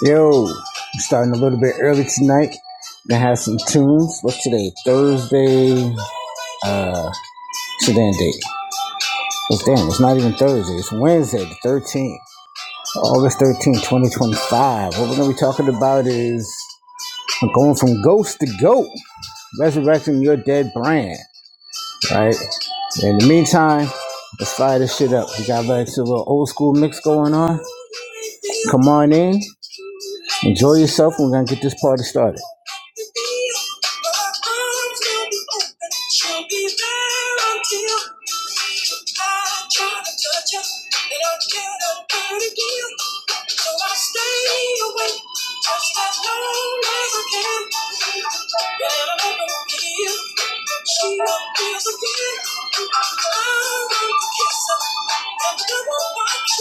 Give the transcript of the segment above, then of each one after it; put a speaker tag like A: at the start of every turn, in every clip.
A: Yo, I'm starting a little bit early tonight. Gonna have some tunes. What's today? Thursday. Uh, today and date. It's damn. It's not even Thursday. It's Wednesday, the 13th, August 13th, 2025. What we're gonna be talking about is going from ghost to goat, resurrecting your dead brand. Right. In the meantime, let's fire this shit up. We got back to a little old school mix going on. Come on in. Enjoy yourself. We're going to get this party started.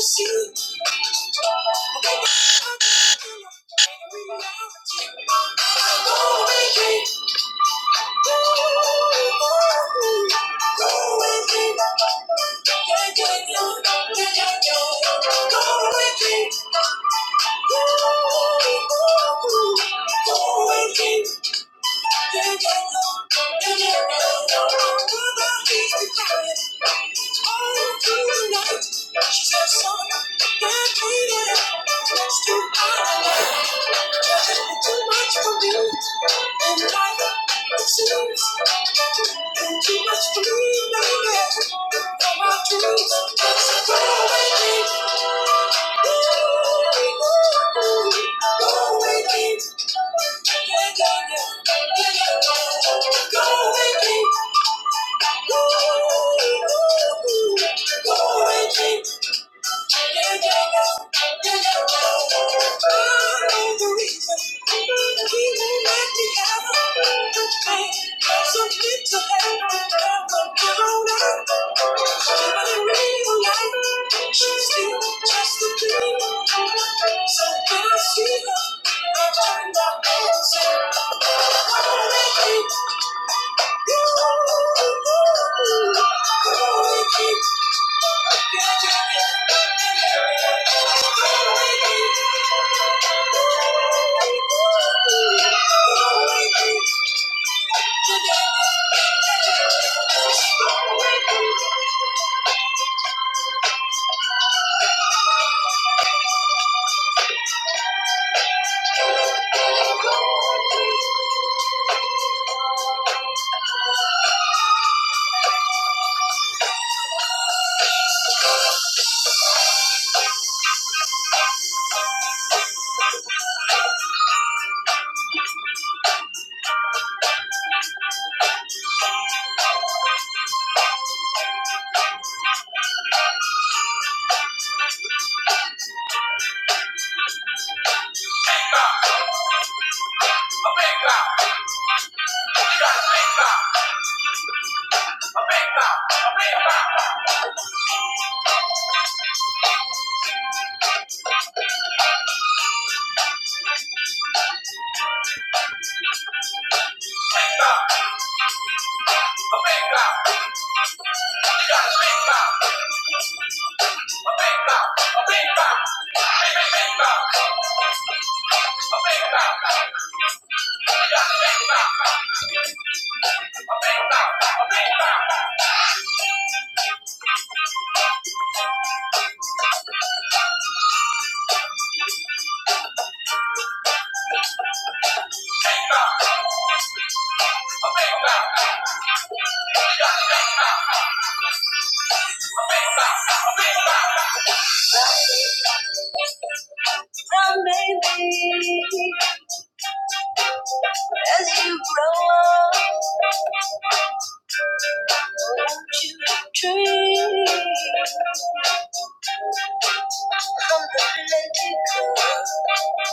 A: See you. Thank you. Too much for me, and life too much to lose, baby. All my dreams so far away. Go away, baby. Yeah, yeah, yeah. Yeah, yeah, yeah. Go away, baby. Go away, baby. Thank you. Bang, bang. Now maybe as you grow up, won't you dream of the plenty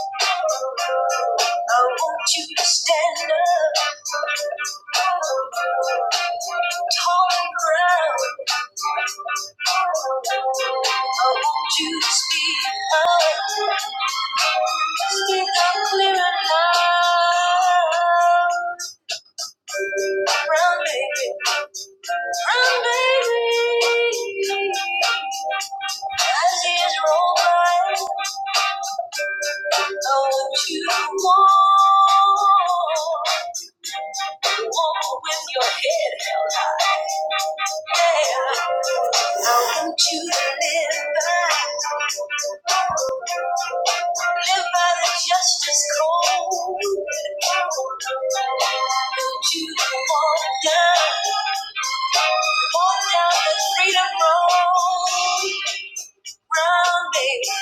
A: good? I want you to stand up, tall and proud. I want you to speak up, speak up clear and loud. Brown baby, Walk with your head held high. Yeah. I want you to live by, live by the justice code. Don't you walk down, walk down the freedom road round, baby.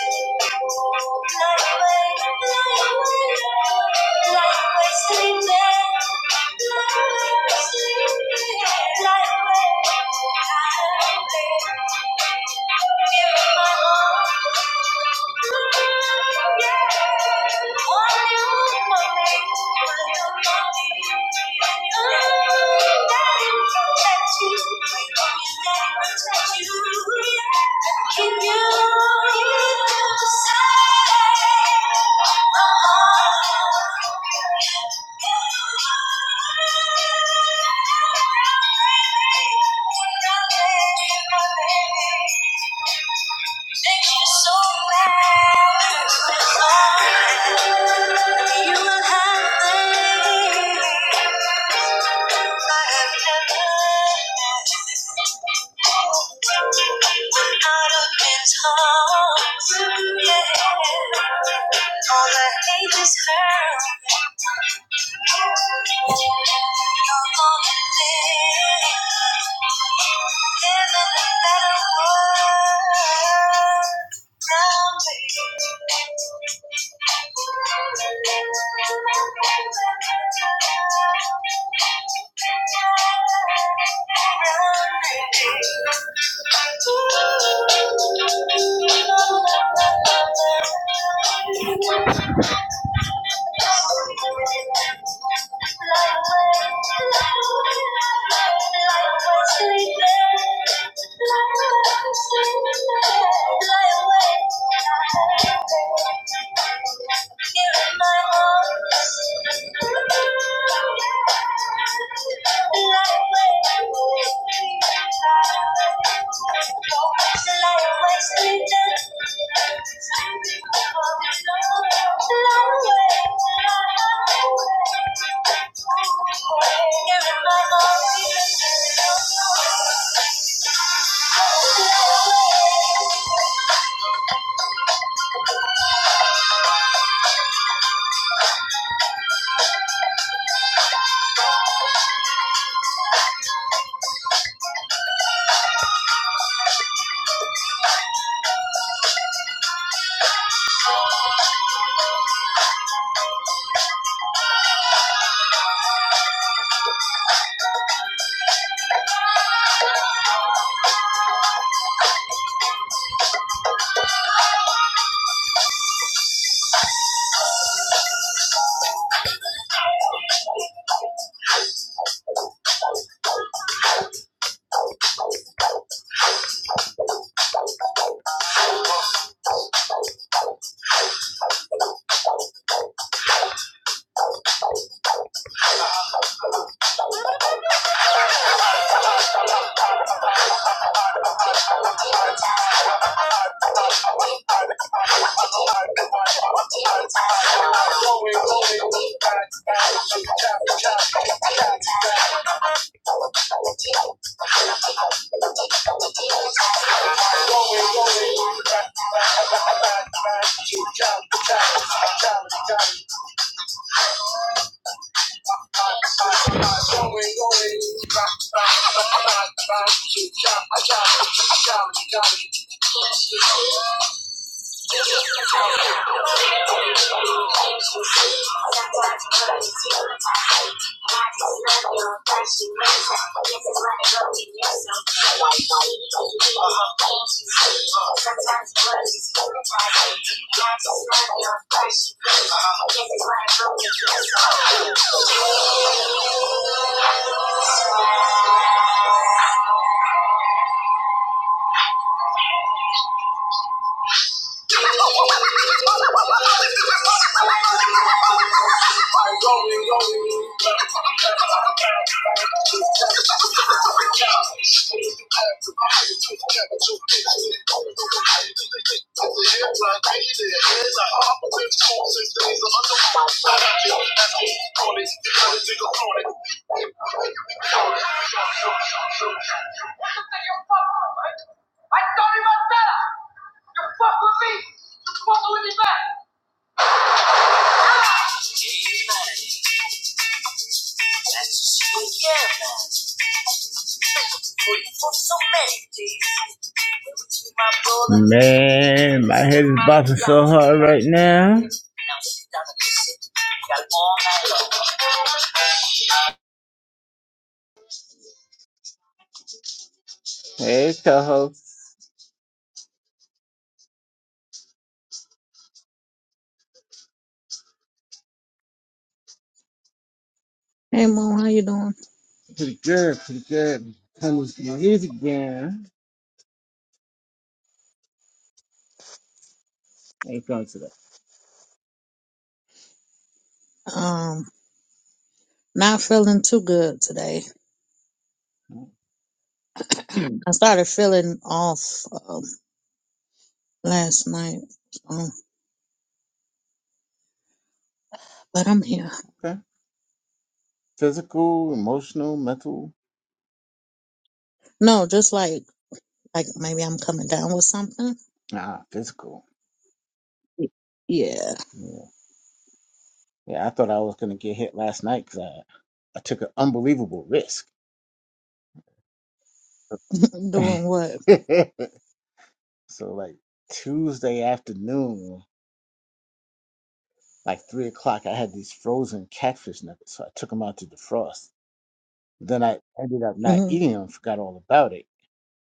A: Fly away, fly away, fly away, sleeping. Fly away, sleeping. Fly away, fly away. Give me my all. Can you say, out of his heart yeah. All the hate is hurt. Living a better world. Thank you. Fly away, Here in my arms, Thank you. Thank you. I thought he was better. You fuck with me. You fuck with me back. Amen. man. so Man, my head is bopping so hard right now. Hey, co
B: Hey Mo, how you doing?
A: Pretty good.
B: Um, not feeling too good today. I started feeling off um, last night, um, but I'm here.
A: Physical, emotional, mental.
B: No, just like like maybe I'm coming down with something.
A: Nah, physical.
B: Y- Yeah,
A: Yeah. yeah, I thought I was going to get hit last night because I, I took an unbelievable risk.
B: doing what?
A: So like Tuesday afternoon, like three o'clock, I had these frozen catfish nuggets. So I took them out to defrost. Then I ended up not
B: hmm
A: eating them, forgot all about it.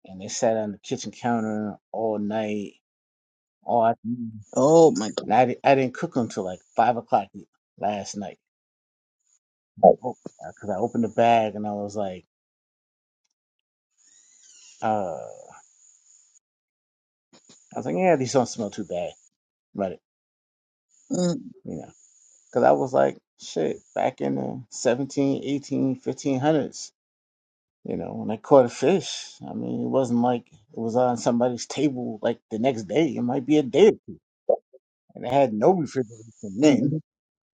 A: And they sat on the kitchen counter all night, all afternoon.
B: Oh my
A: And I, di- I didn't cook them till like five o'clock e, last night.
B: god.
A: Because I opened the bag and I was like, uh, I was like, yeah, these don't smell too bad. But, you know, because I was like, shit, back in the seventeen, eighteen, fifteen hundreds. You know, when I caught a fish. I mean, it wasn't like it was on somebody's table like the next day. It might be a day or two. And I had no refrigeration then.
B: Mm-mm.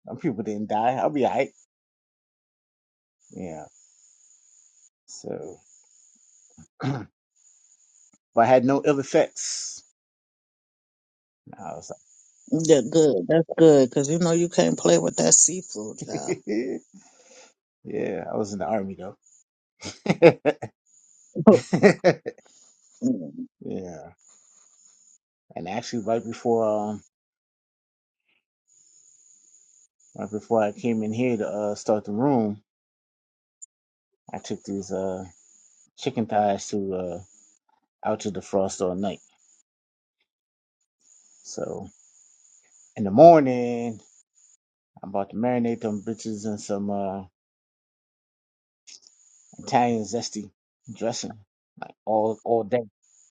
A: Some people didn't die. I'll be all right. Yeah. So, but.
B: Yeah, good. That's good because you know you can't play with that seafood, child. Mm,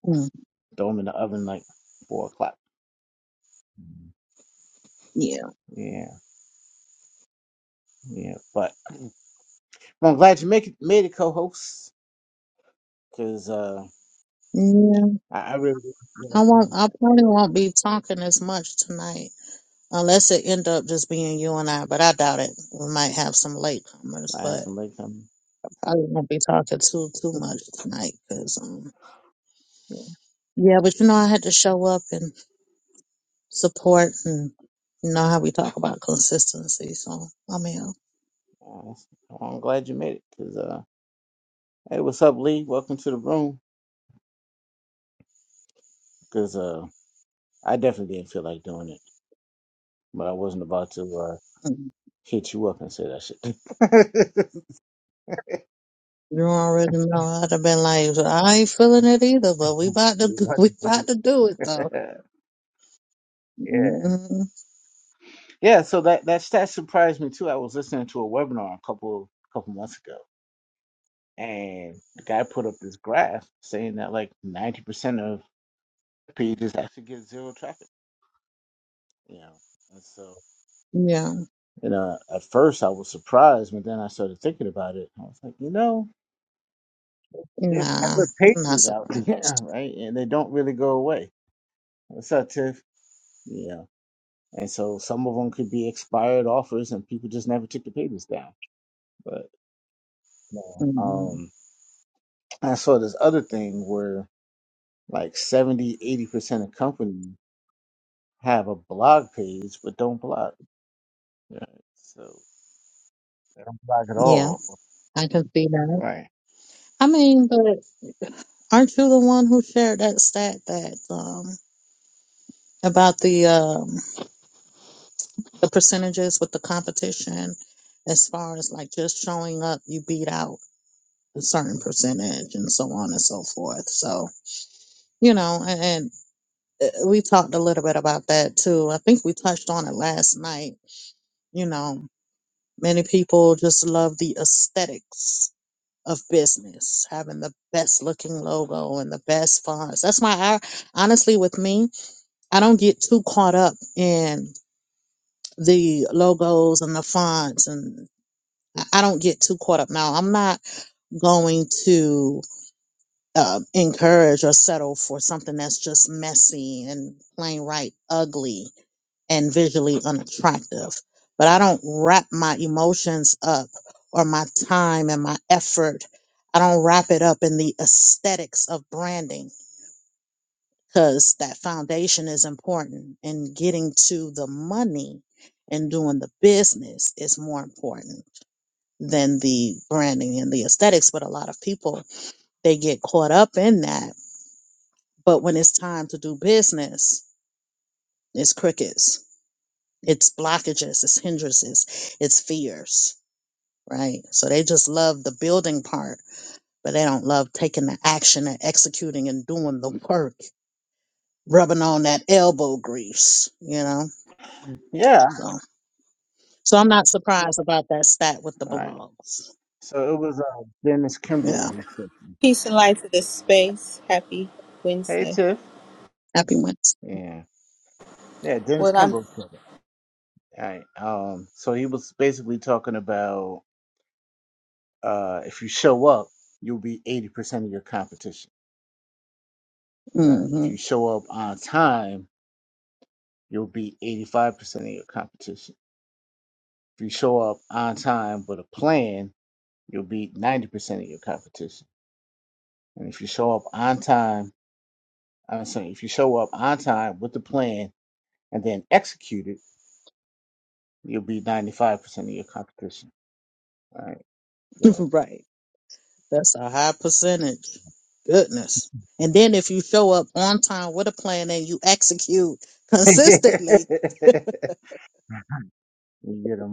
B: mm, Yeah, yeah. I won't. I probably won't be talking as much tonight. unless it end up just being you and I. But I doubt it. We might have some latecomers, but probably won't be talking too too much tonight. Cause um, yeah, but you know, I had to show up and support, and you know how we talk about consistency. So I mean, you already know I'd have been like, I ain't feeling it either, but we about to we about to do it though. hmm Yeah, nah, I'm not surprised. hmm Yeah, I can see that. I mean, but Aren't you the one who shared that stat that um, about the um, the percentages with the competition, as far as like just showing up, you beat out a certain percentage, and so on and so forth. So you know, and, and uh, we talked a little bit about that too. I think we touched on it last night. You know, many people just love the aesthetics of business, having the best looking logo and the best fonts. That's why I honestly, with me. I don't get too caught up in the logos and the fonts, and I I don't get too caught up. Now, I'm not going to uh, encourage or settle for something that's just messy and plain right ugly and visually unattractive. But I don't wrap my emotions up or my time and my effort. I don't wrap it up in the aesthetics of branding because that foundation is important and getting to the money and doing the business is more important than the branding and the aesthetics but a lot of people they get caught up in that but when it's time to do business it's crickets it's blockages it's hindrances it's fears right so they just love the building part but they don't love taking the action and executing and doing the work rubbing on that elbow grease you know so So I'm not surprised about that stat with the blogs. Yeah.
C: Peace and light to this space. Happy Wednesday.
B: Happy Wednesday.
C: What I'm
B: Mm-hmm. right. That's a high percentage. Goodness. And then if you show up on time with a plan and you execute consistently.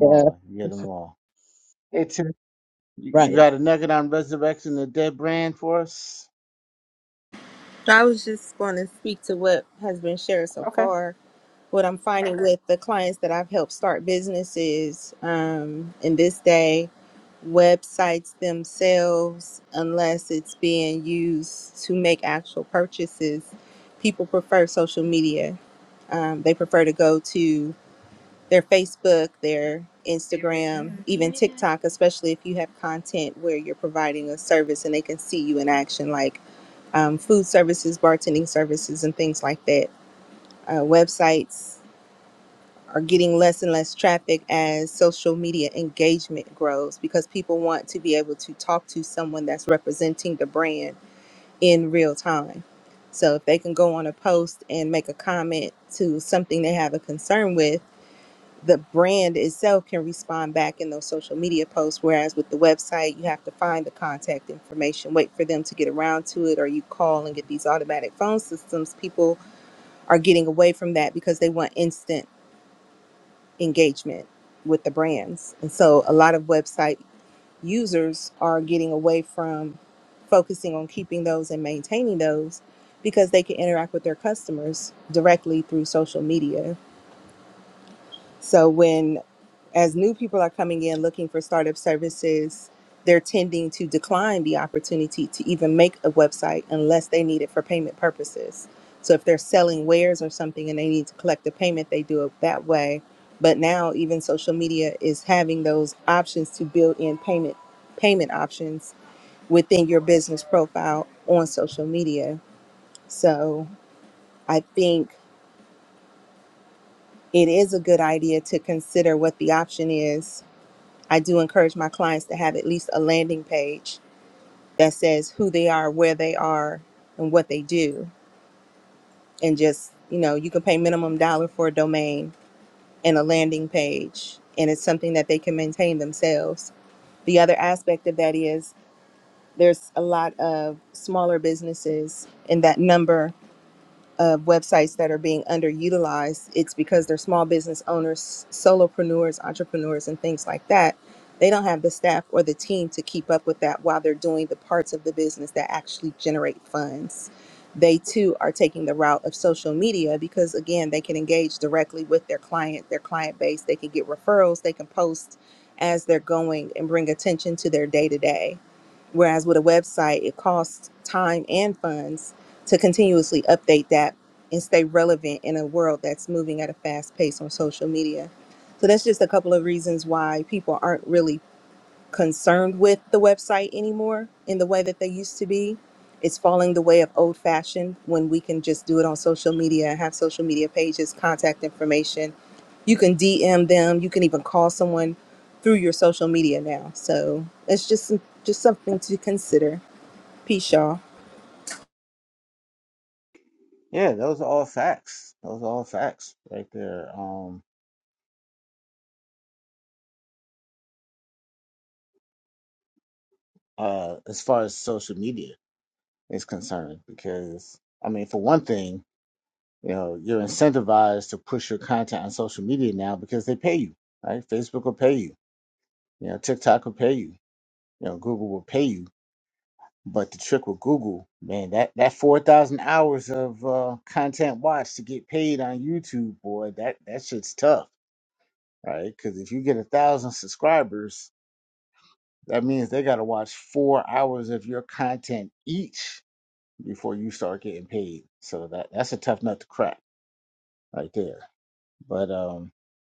B: Yeah. Right.
C: I was just going to speak to what has been shared so far. What I'm finding with the clients that I've helped start businesses um, in this day, websites themselves, unless it's being used to make actual purchases, people prefer social media. Um, they prefer to go to their Facebook, their Instagram, even TikTok, especially if you have content where you're providing a service and they can see you in action, like um, food services, bartending services, and things like that. Uh, websites are getting less and less traffic as social media engagement grows because people want to be able to talk to someone that's representing the brand in real time. So if they can go on a post and make a comment to something they have a concern with, the brand itself can respond back in those social media posts. Whereas with the website, you have to find the contact information, wait for them to get around to it, or you call and get these automatic phone systems. People are getting away from that because they want instant engagement with the brands. And so a lot of website users are getting away from focusing on keeping those and maintaining those because they can interact with their customers directly through social media. So when as new people are coming in looking for startup services, they're tending to decline the opportunity to even make a website unless they need it for payment purposes. So if they're selling wares or something and they need to collect a payment, they do it that way. But now even social media is having those options to build in payment payment options within your business profile on social media. So I think it is a good idea to consider what the option is I do encourage my clients to have at least a landing page that says who they are, where they are, and what they do. And just, you know, you can pay minimum dollar for a domain and a landing page, and it's something that they can maintain themselves. The other aspect of that is there's a lot of smaller businesses and that number of websites that are being underutilized, it's because they're small business owners, solopreneurs, entrepreneurs, and things like that. They don't have the staff or the team to keep up with that while they're doing the parts of the business that actually generate funds. They too are taking the route of social media because, again, they can engage directly with their client, their client base. They can get referrals, they can post as they're going and bring attention to their day to day. Whereas with a website, it costs time and funds to continuously update that and stay relevant in a world that's moving at a fast pace on social media. So that's just a couple of reasons why people aren't really concerned with the website anymore in the way that they used to be. It's falling the way of old fashioned when we can just do it on social media and have social media pages, contact information. You can DM them, you can even call someone through your social media now. So it's just just something to consider. Peace, y'all.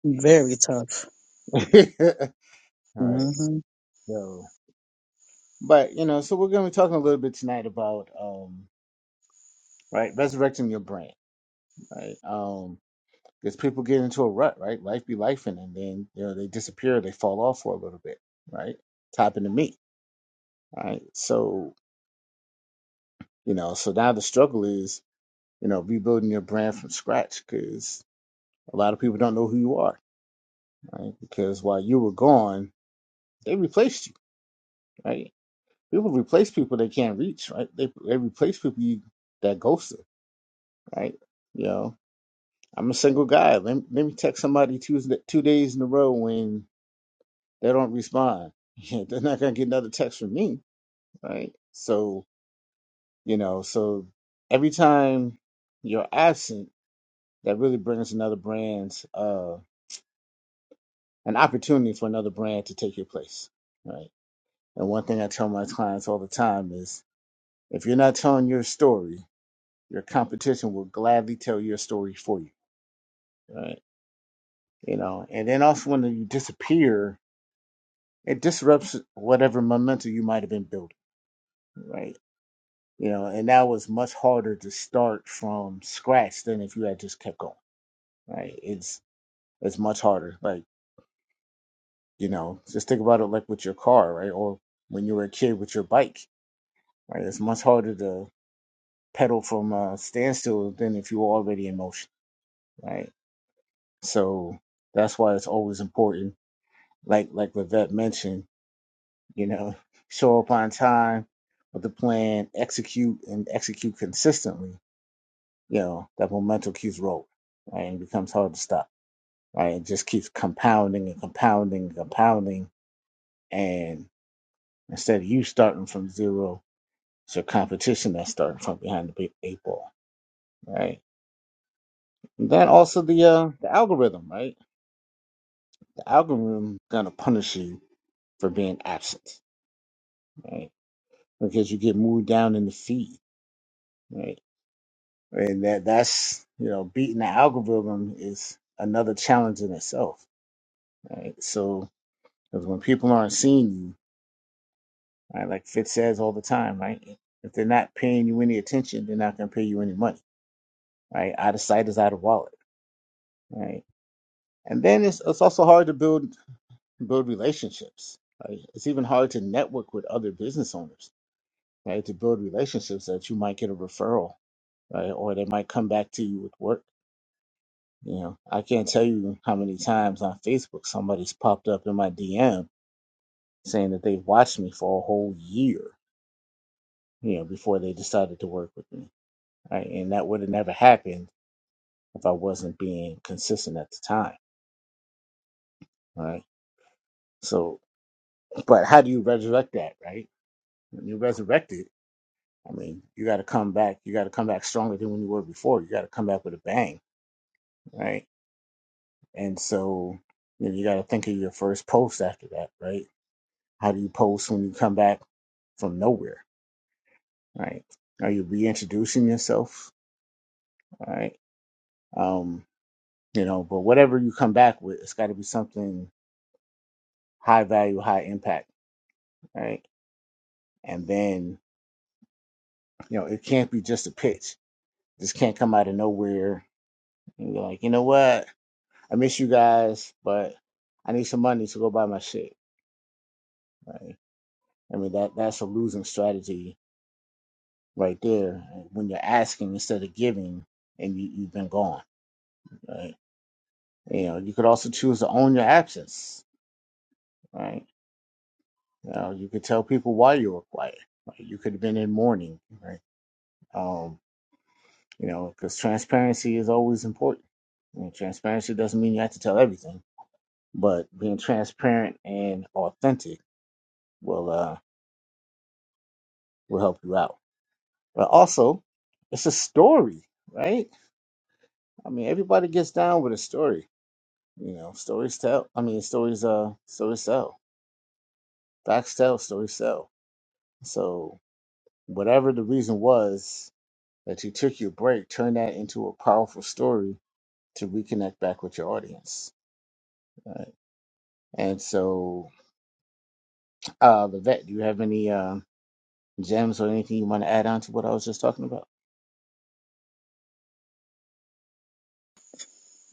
B: Very tough. hmm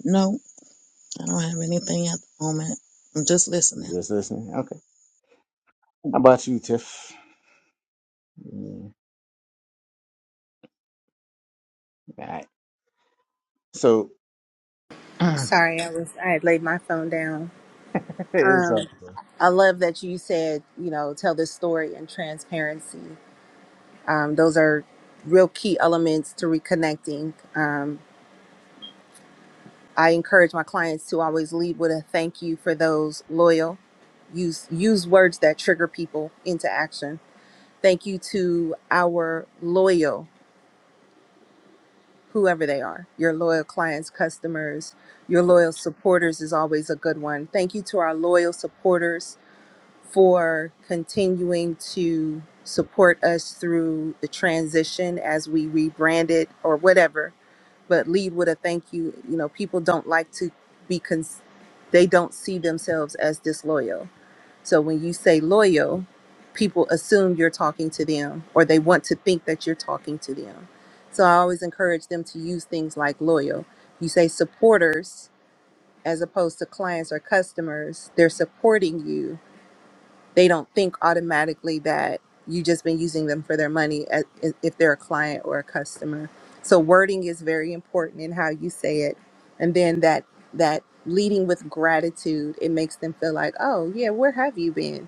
B: No, I don't have anything at the moment. I'm just listening.
C: Sorry, I was I had laid my phone down. Um, I love that you said you know tell the story and transparency. Um, those are real key elements to reconnecting. Um, I encourage my clients to always lead with a thank you for those loyal. Use use words that trigger people into action. Thank you to our loyal, whoever they are, your loyal clients, customers, your loyal supporters is always a good one. Thank you to our loyal supporters for continuing to support us through the transition as we rebrand it or whatever. But lead with a thank you. You know, people don't like to be, cons- they don't see themselves as disloyal. So when you say loyal, people assume you're talking to them or they want to think that you're talking to them. So I always encourage them to use things like loyal. You say supporters as opposed to clients or customers, they're supporting you they don't think automatically that you just been using them for their money at- if they're a client or a customer. So wording is very important in how you say it, and then that that leading with gratitude it makes them feel like, oh yeah, where have you been?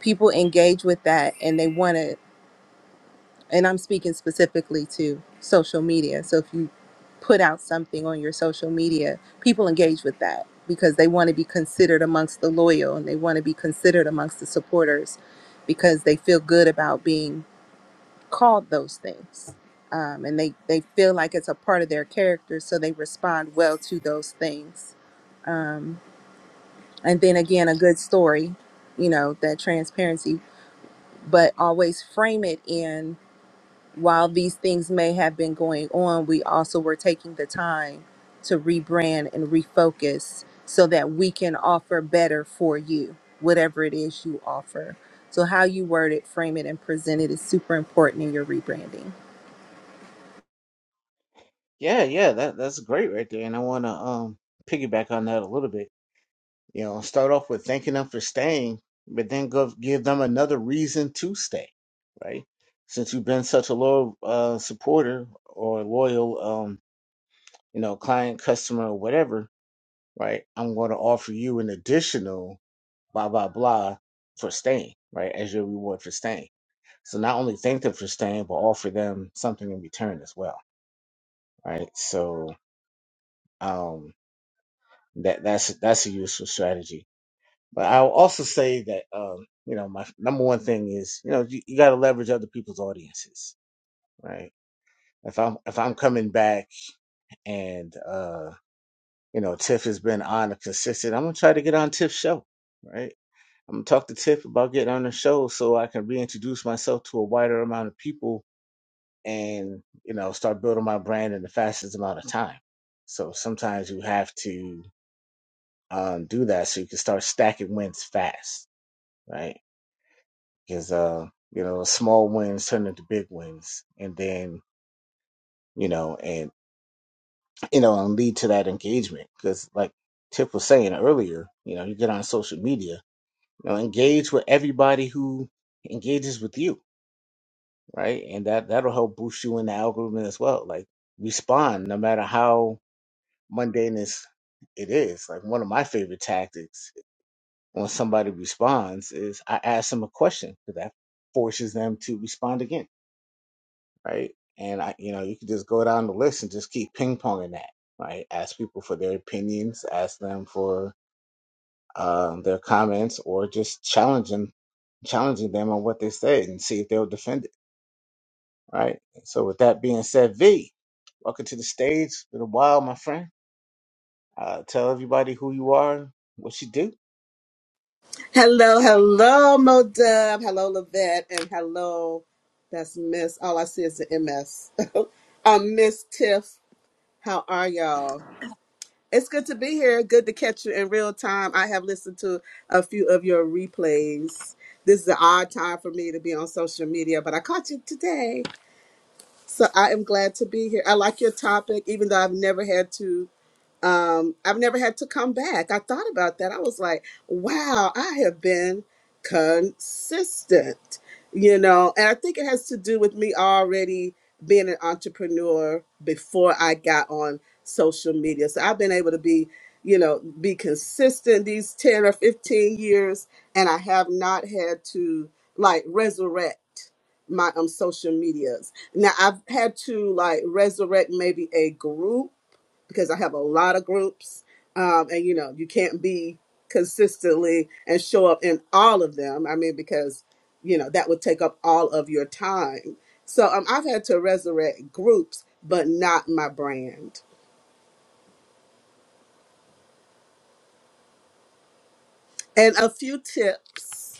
C: People engage with that and they want to and I'm speaking specifically to social media. So if you put out something on your social media, people engage with that because they want to be considered amongst the loyal and they want to be considered amongst the supporters because they feel good about being called those things. Um, and they, they feel like it's a part of their character, so they respond well to those things. Um, and then again, a good story, you know, that transparency, but always frame it in While these things may have been going on, we also were taking the time to rebrand and refocus so that we can offer better for you, whatever it is you offer. So, how you word it, frame it, and present it is super important in your rebranding.
D: Hello, hello, Mo Dub. Hello, Lavette. And hello, that's Miss. All I see is the MS. um, Miss Tiff, how are y'all? It's good to be here. Good to catch you in real time. I have listened to a few of your replays. This is an odd time for me to be on social media, but I caught you today. So I am glad to be here. I like your topic, even though I've never had to um, I've never had to come back. I thought about that. I was like, wow, I have been consistent, you know, and I think it has to do with me already being an entrepreneur before I got on social media. So I've been able to be, you know, be consistent these 10 or 15 years, and I have not had to like resurrect my um social medias. Now I've had to like resurrect maybe a group because I have a lot of groups, um, and you know you can't be consistently and show up in all of them. I mean, because you know that would take up all of your time. So um, I've had to resurrect groups, but not my brand. And a few tips.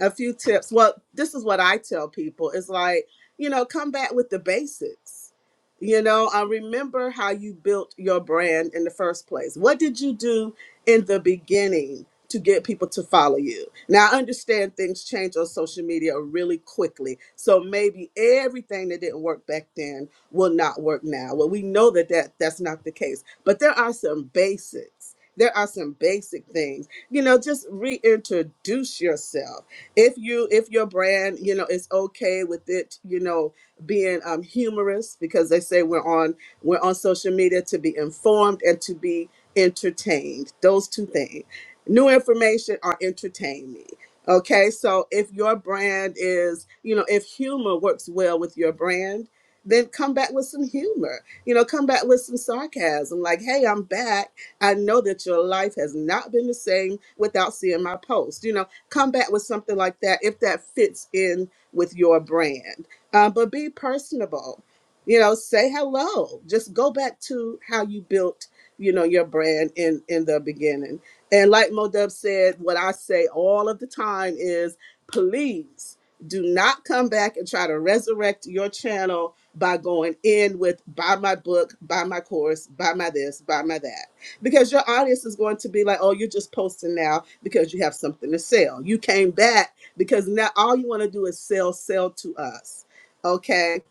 D: a few tips. Well, this is what I tell people. It's like, you know, come back with the basics. You know, uh, remember how you built your brand in the first place. What did you do in the beginning to get people to follow you? Now, I understand things change on social media really quickly. So maybe everything that didn't work back then will not work now. Well, we know that, that that's not the case, but there are some basics. There are some basic things. You know, just reintroduce yourself if you if your brand you know is okay with it you know being um, humorous because they say we're on we're on social media to be informed and to be entertained those two things new information or entertain me okay so if your brand is you know if humor works well with your brand then come back with some humor you know come back with some sarcasm like hey i'm back i know that your life has not been the same without seeing my post you know come back with something like that if that fits in with your brand. Um, but be personable. You know, say hello. Just go back to how you built, you know, your brand in in the beginning. And like Modub said, what I say all of the time is, please do not come back and try to resurrect your channel by going in with buy my book, buy my course, buy my this, buy my that because your audience is going to be like, oh, you're just posting now because you have something to sell. You came back because now all you want to do is sell, sell to us. Okay.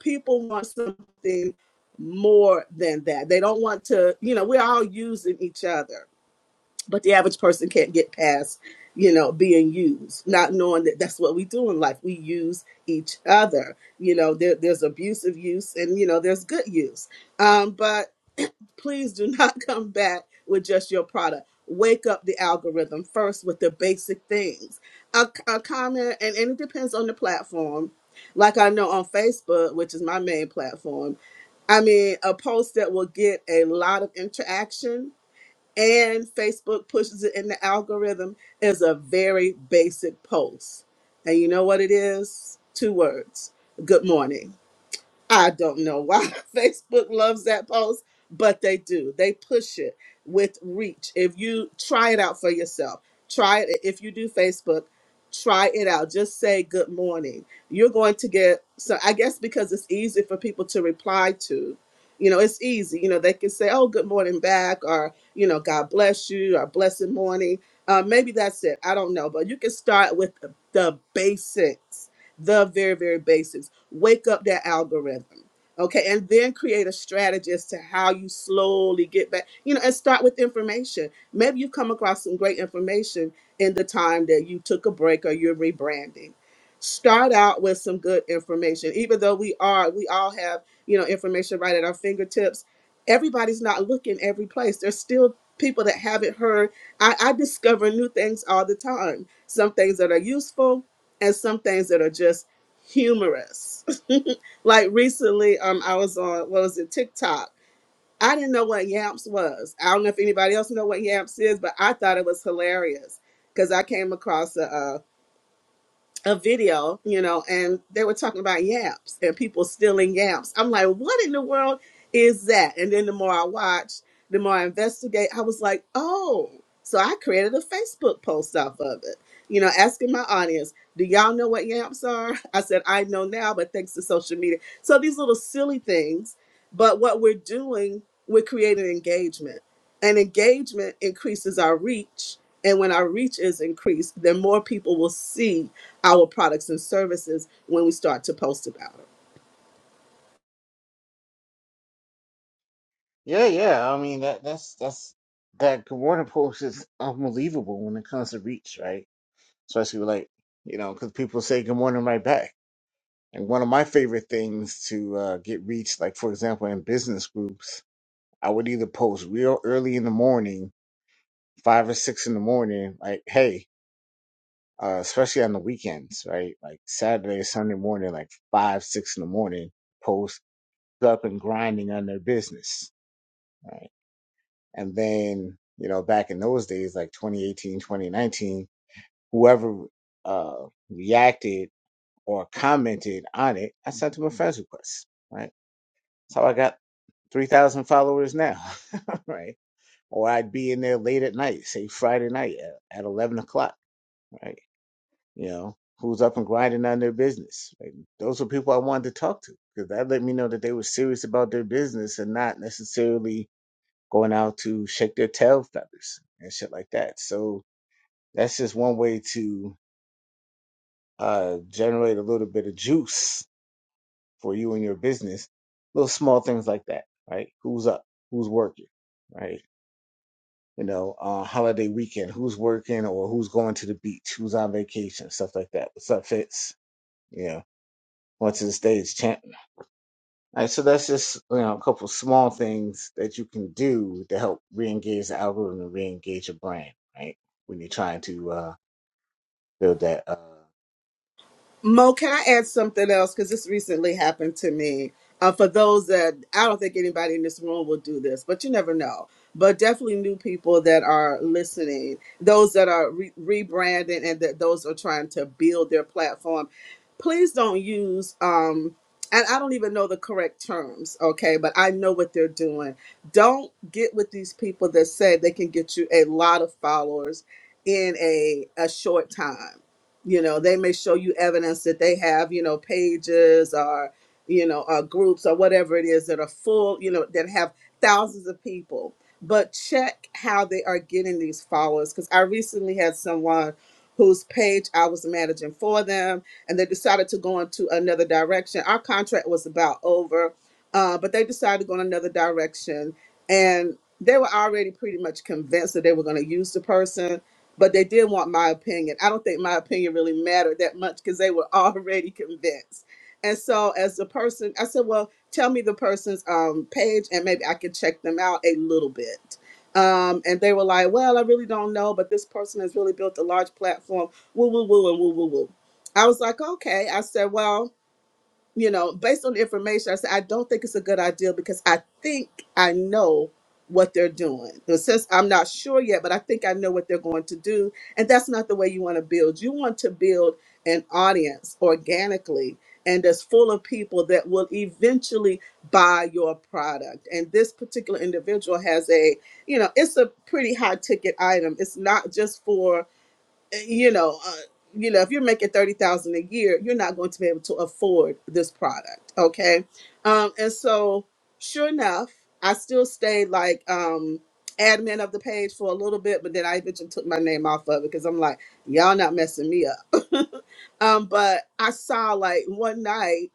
D: People want something more than that. They don't want to, you know, we're all using each other, but the average person can't get past, you know, being used, not knowing that that's what we do in life. We use each other. You know, there, there's abusive use and, you know, there's good use. Um, but please do not come back with just your product. Wake up the algorithm first with the basic things. A, a comment, and, and it depends on the platform. Like I know on Facebook, which is my main platform, I mean, a post that will get a lot of interaction and Facebook pushes it in the algorithm is a very basic post. And you know what it is? Two words. Good morning I don't know why Facebook loves that post, but they do. They push it with reach. If you try it out for yourself, try it. If you do Facebook, try it out. Just say good morning. You're going to get, so I guess because it's easy for people to reply to, you know, it's easy. You know, they can say, oh, good morning back, or, you know, God bless you, or blessed morning. Uh, maybe that's it. I don't know. But you can start with the, the basics the very, very basics. Wake up that algorithm. Okay. And then create a strategy as to how you slowly get back, you know, and start with information. Maybe you've come across some great information in the time that you took a break or you're rebranding. Start out with some good information. Even though we are, we all have, you know, information right at our fingertips. Everybody's not looking every place. There's still people that haven't heard I, I discover new things all the time. Some things that are useful, and some things that are just humorous. like recently, um, I was on what was it TikTok. I didn't know what Yamps was. I don't know if anybody else know what Yamps is, but I thought it was hilarious because I came across a. uh, a video, you know, and they were talking about yams and people stealing yams. I'm like, what in the world is that? And then the more I watched, the more I investigate, I was like, oh, so I created a Facebook post off of it, you know, asking my audience, do y'all know what yams are? I said, I know now, but thanks to social media. So these little silly things, but what we're doing, we're creating engagement. And engagement increases our reach. And when our reach is increased, then more people will see our products and services when we start to post about it. Mo, can I add something else? Because this recently happened to me. Uh, for those that I don't think anybody in this room will do this, but you never know. But definitely new people that are listening, those that are re- rebranding, and that those are trying to build their platform. Please don't use. Um, and I don't even know the correct terms, okay? But I know what they're doing. Don't get with these people that say they can get you a lot of followers in a a short time you know they may show you evidence that they have you know pages or you know or groups or whatever it is that are full you know that have thousands of people but check how they are getting these followers because i recently had someone whose page i was managing for them and they decided to go into another direction our contract was about over uh, but they decided to go in another direction and they were already pretty much convinced that they were going to use the person but they did want my opinion. I don't think my opinion really mattered that much because they were already convinced. And so, as the person, I said, "Well, tell me the person's um, page, and maybe I can check them out a little bit." Um, and they were like, "Well, I really don't know, but this person has really built a large platform." Woo, woo, woo, and woo, woo, woo. I was like, "Okay." I said, "Well." you know, based on the information, I said, I don't think it's a good idea because I think I know what they're doing. The sense I'm not sure yet, but I think I know what they're going to do. And that's not the way you want to build. You want to build an audience organically and that's full of people that will eventually buy your product. And this particular individual has a, you know, it's a pretty high ticket item. It's not just for you know, uh, you know, if you're making thirty thousand a year, you're not going to be able to afford this product. Okay, um, and so sure enough, I still stayed like um, admin of the page for a little bit, but then I eventually took my name off of it because I'm like, y'all not messing me up. um, but I saw like one night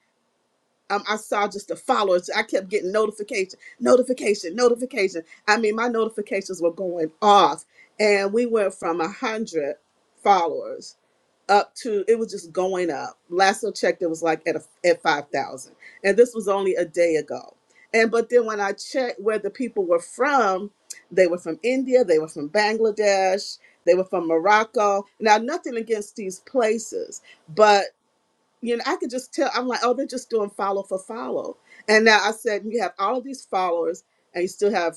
D: um, I saw just the followers. I kept getting notification, notification, notification. I mean, my notifications were going off, and we went from a hundred followers up to it was just going up. Last I checked, it was like at a, at five thousand, and this was only a day ago. And but then when I checked where the people were from, they were from India, they were from Bangladesh, they were from Morocco. Now, nothing against these places, but you know, I could just tell. I'm like, oh, they're just doing follow for follow. And now I said, you have all of these followers, and you still have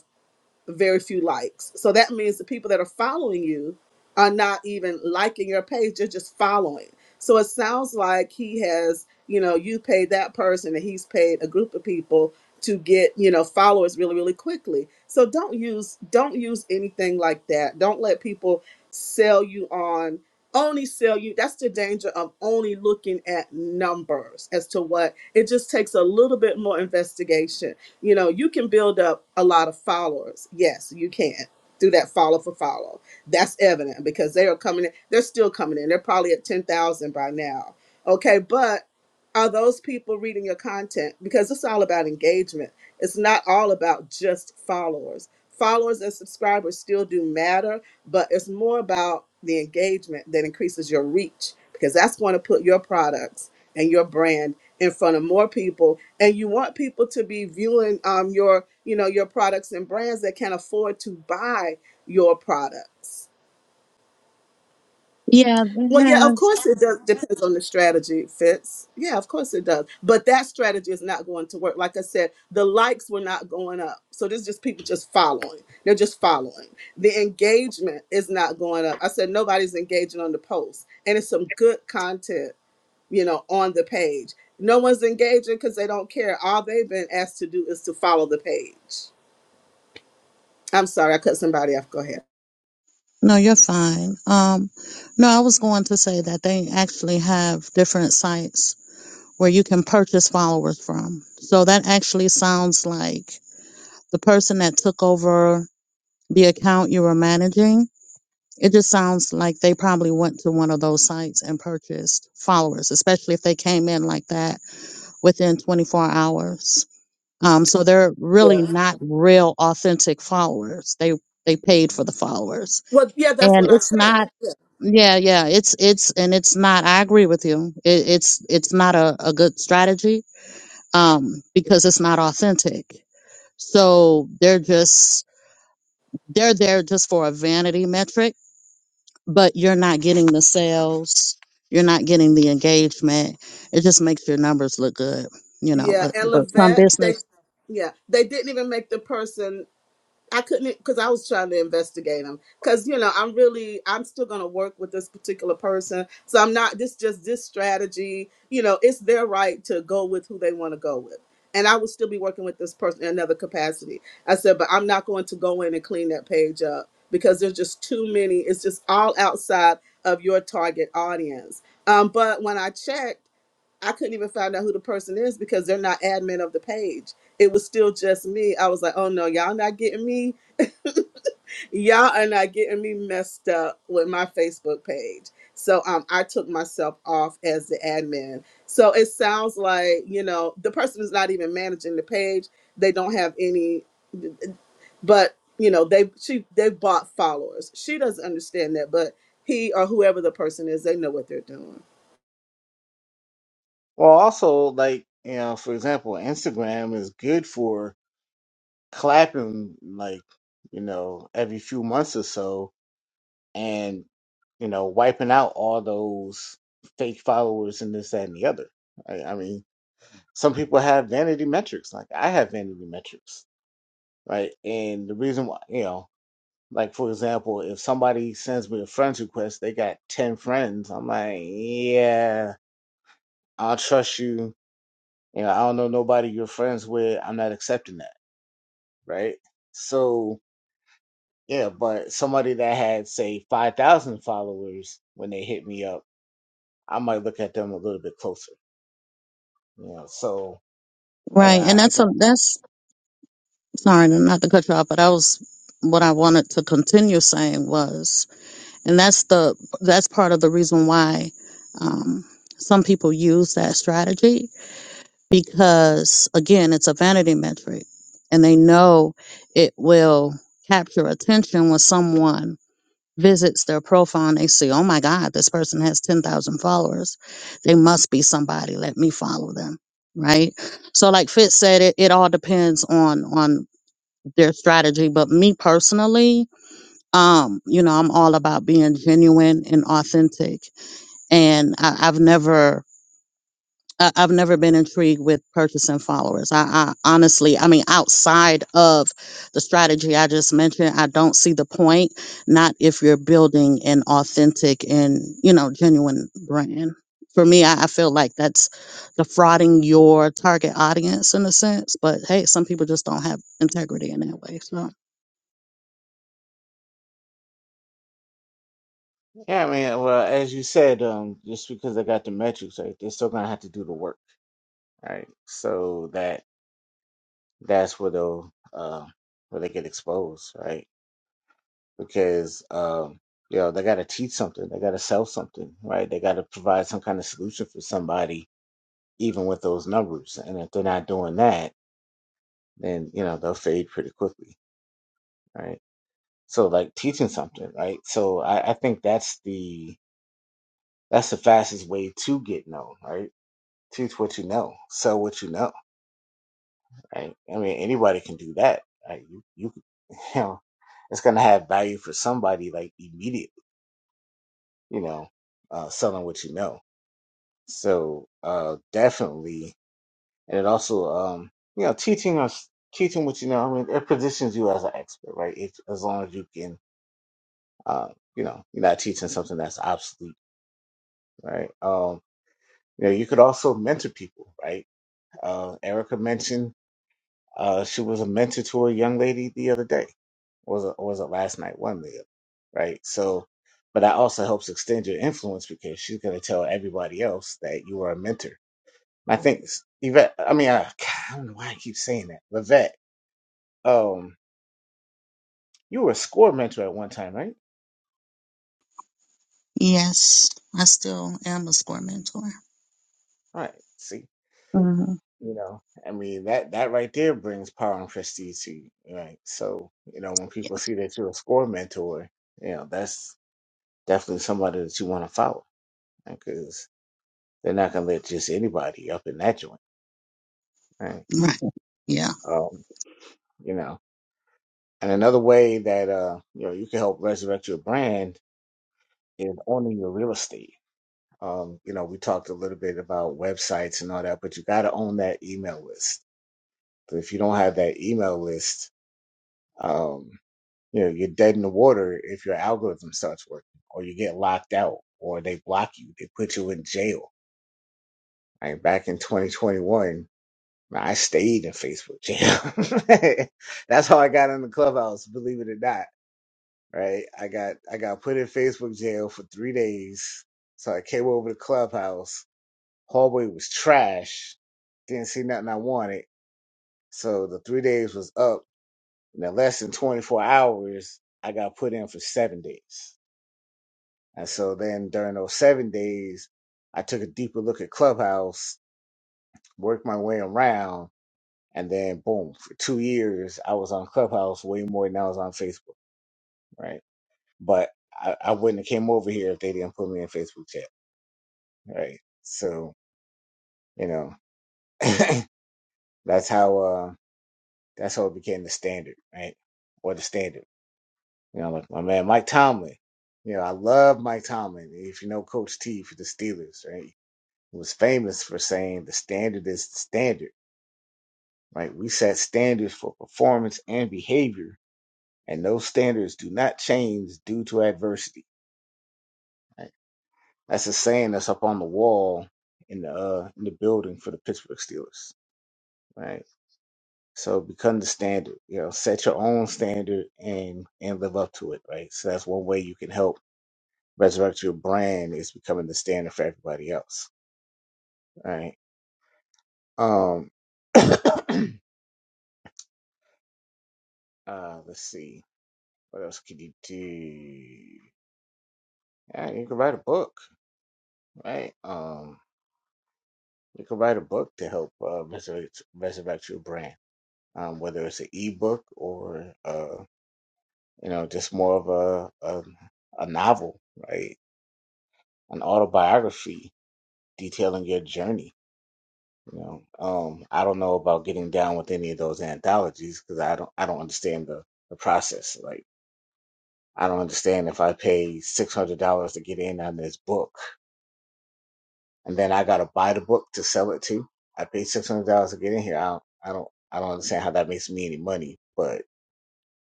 D: very few likes. So that means the people that are following you are not even liking your page, they're just following. So it sounds like he has, you know, you paid that person and he's paid a group of people to get, you know, followers really, really quickly. So don't use don't use anything like that. Don't let people sell you on only sell you. That's the danger of only looking at numbers as to what it just takes a little bit more investigation you know, you can build up a lot of followers. Yes, you can do that follow for follow. That's evident because they are coming in. They're still coming in. They're probably at 10,000 by now. Okay, but are those people reading your content? Because it's all about engagement. It's not all about just followers. Followers and subscribers still do matter, but it's more about the engagement that increases your reach because that's going to put your products and your brand in front of more people and you want people to be viewing um your you know your products and brands that can afford to buy your products
B: Yeah, they
D: well yeah of
B: have.
D: course it does depends on the strategy Fitz. yeah of course it does but that strategy is not going to work like i said the likes were not going up so this is just people just following they're just following the engagement is not going up i said nobody's engaging on the post and it's some good content you know, on the page. No one's engaging because they don't care. All they've been asked to do is to follow the page. I'm sorry, I cut somebody off. Go ahead.
B: No, you're fine. Um, no, I was going to say that they actually have different sites where you can purchase followers from. So that actually sounds like the person that took over the account you were managing. It just sounds like they probably went to one of those sites and purchased followers, especially if they came in like that within 24 hours. Um, so they're really
D: Yeah.
B: not real authentic followers. They they paid for the followers,
D: Well, yeah, that's
B: and
D: what I
B: it's
D: said.
B: not yeah, yeah. It's it's and it's not. I agree with you. It, it's it's not a, a good strategy um, because it's not authentic. So they're just they're there just for a vanity metric, but you're not getting the sales, you're not getting the engagement. It just makes your numbers look good, you know.
D: Yeah,
B: But
D: and
B: but some
D: Levette, they,
B: business,
D: yeah, they didn't even make the person. I couldn't because I was trying to investigate him. Because you know, I'm really, I'm still going to work with this particular person, so I'm not. This just this strategy. You know, it's their right to go with who they want to go with, and I would still be working with this person in another capacity. I said, but I'm not going to go in and clean that page up because there's just too many. It's just all outside of your target audience. Um, but when I checked, I couldn't even find out who the person is because they're not admin of the page. It was still just me. I was like, oh no, y'all not getting me Y'all are not getting me messed up with my Facebook page. So um, I took myself off as the admin. So it sounds like, you know, the person is not even managing the page. They don't have any, but you know, they she they bought followers. She doesn't understand that, but he or whoever the person is, they know what they're doing.
B: right? And that's some that's sorry, not to cut you off, but I was what I wanted to continue saying was, and that's the that's part of the reason why um, some people use that strategy because again it's a vanity metric and they know it will capture attention when someone visits their profile and they see oh my god this person has 10,000 followers they must be somebody let me follow them right so like fitz said it, it all depends on on their strategy but me personally um you know i'm all about being genuine and authentic and I, i've never I- I've never been intrigued with purchasing followers. I, I honestly, I mean, outside of the strategy I just mentioned, I don't see the point. Not if you're building an authentic and you know genuine brand. For me, I, I feel like that's defrauding your target audience in a sense. But hey, some people just don't have integrity in that way. So Yes, I still am a score mentor. Mhm. Yeah. right. Yeah.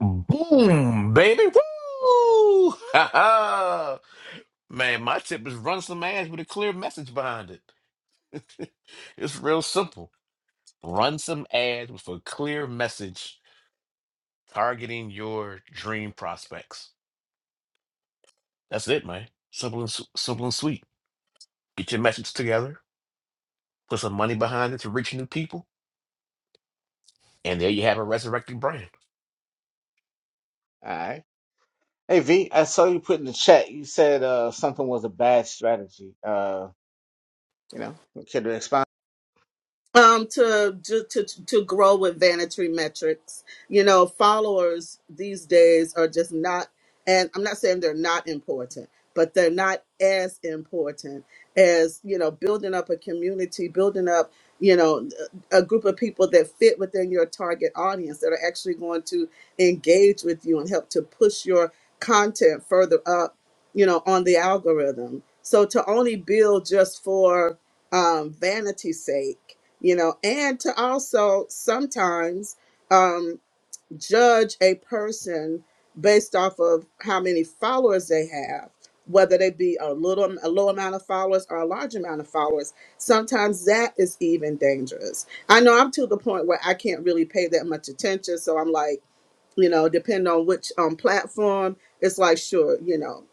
E: Boom, baby. Woo! Man, my tip is run some ads with a clear message behind it. it's real simple. Run some ads with a clear message targeting your dream prospects. That's it, man. Simple and, s- simple and sweet. Get your message together, put some money behind it to reach new people And there you have a resurrected brand.
D: um to, to to to grow with vanity metrics you know followers these days are just not and i'm not saying they're not important but they're not as important as you know building up a community building up you know a group of people that fit within your target audience that are actually going to engage with you and help to push your content further up you know on the algorithm so to only build just for um, vanity's sake you know, and to also sometimes um, judge a person based off of how many followers they have, whether they be a little, a low amount of followers or a large amount of followers. Sometimes that is even dangerous. I know I'm to the point where I can't really pay that much attention, so I'm like you know, depending on which um, platform, it's like, sure, you know,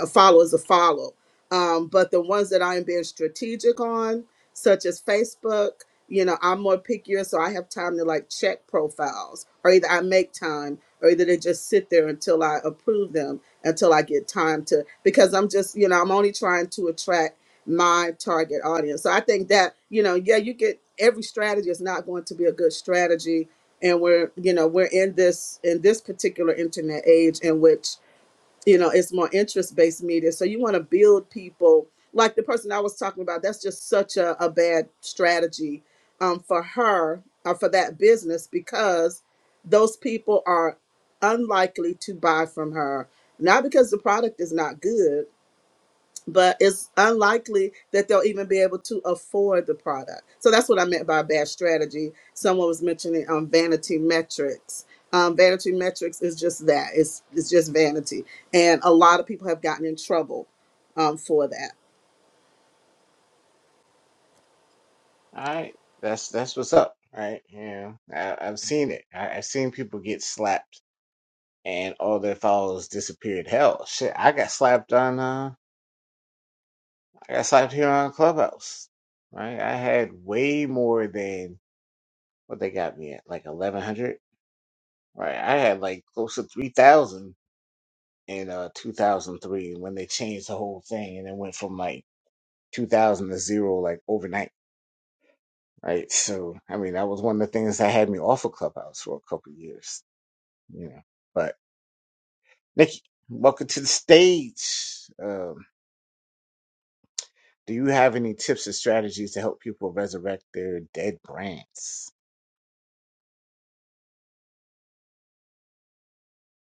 D: a follow is a follow. Um, but the ones that I am being strategic on, such as Facebook, you know, I'm more pickier, so I have time to like check profiles, or either I make time, or either they just sit there until I approve them, until I get time to, because I'm just, you know, I'm only trying to attract my target audience. So I think that, you know, yeah, you get every strategy is not going to be a good strategy and we're you know we're in this in this particular internet age in which you know it's more interest based media so you want to build people like the person i was talking about that's just such a, a bad strategy um, for her or for that business because those people are unlikely to buy from her not because the product is not good but it's unlikely that they'll even be able to afford the product. So that's what I meant by bad strategy. Someone was mentioning um, vanity metrics. Um, vanity metrics is just that. It's it's just vanity, and a lot of people have gotten in trouble um, for that.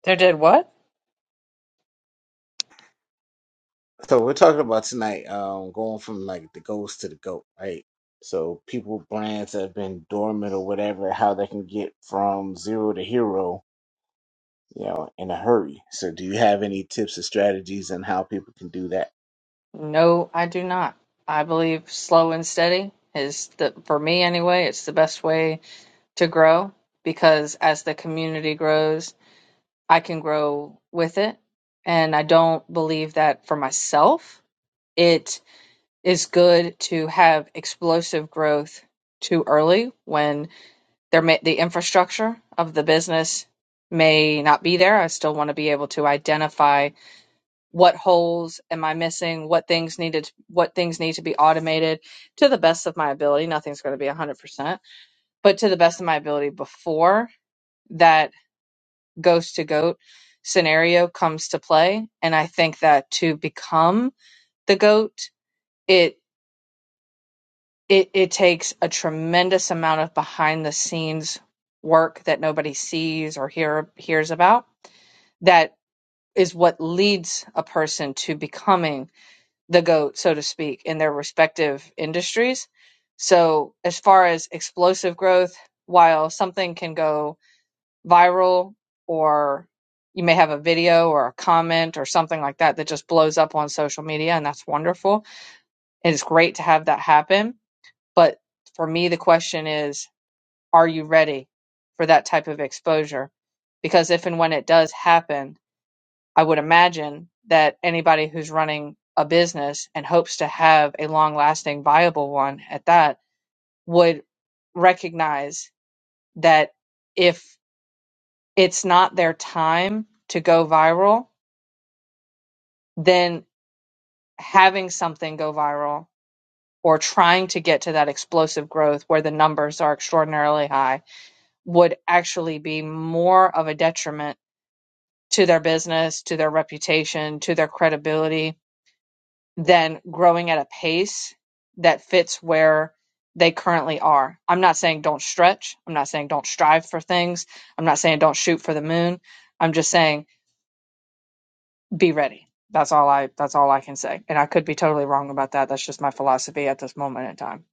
F: They did what? No, I do not. I believe slow and steady is the, for me anyway, it's the best way to grow because as the community grows, I can grow with it. And I don't believe that for myself. It is good to have explosive growth too early when there may, the infrastructure of the business may not be there. I still want to be able to identify what holes am I missing, what things needed, what things need to be automated to the best of my ability. Nothing's going to be 100%, but to the best of my ability before that ghost to goat scenario comes to play. And I think that to become the goat, it it, it takes a tremendous amount of behind the scenes work that nobody sees or hear, hears about that is what leads a person to becoming the goat, so to speak, in their respective industries. So, as far as explosive growth, while something can go viral or you may have a video or a comment or something like that that just blows up on social media, and that's wonderful. And it's great to have that happen. But for me, the question is are you ready for that type of exposure? Because if and when it does happen, I would imagine that anybody who's running a business and hopes to have a long lasting, viable one at that would recognize that if it's not their time to go viral, then having something go viral or trying to get to that explosive growth where the numbers are extraordinarily high would actually be more of a detriment to their business, to their reputation, to their credibility, than growing at a pace that fits where they currently are. I'm not saying don't stretch. I'm not saying don't strive for things. I'm not saying don't shoot for the moon. I'm just saying be ready. That's all I that's all I can say. And I could be totally wrong about that. That's just my philosophy at this moment in time.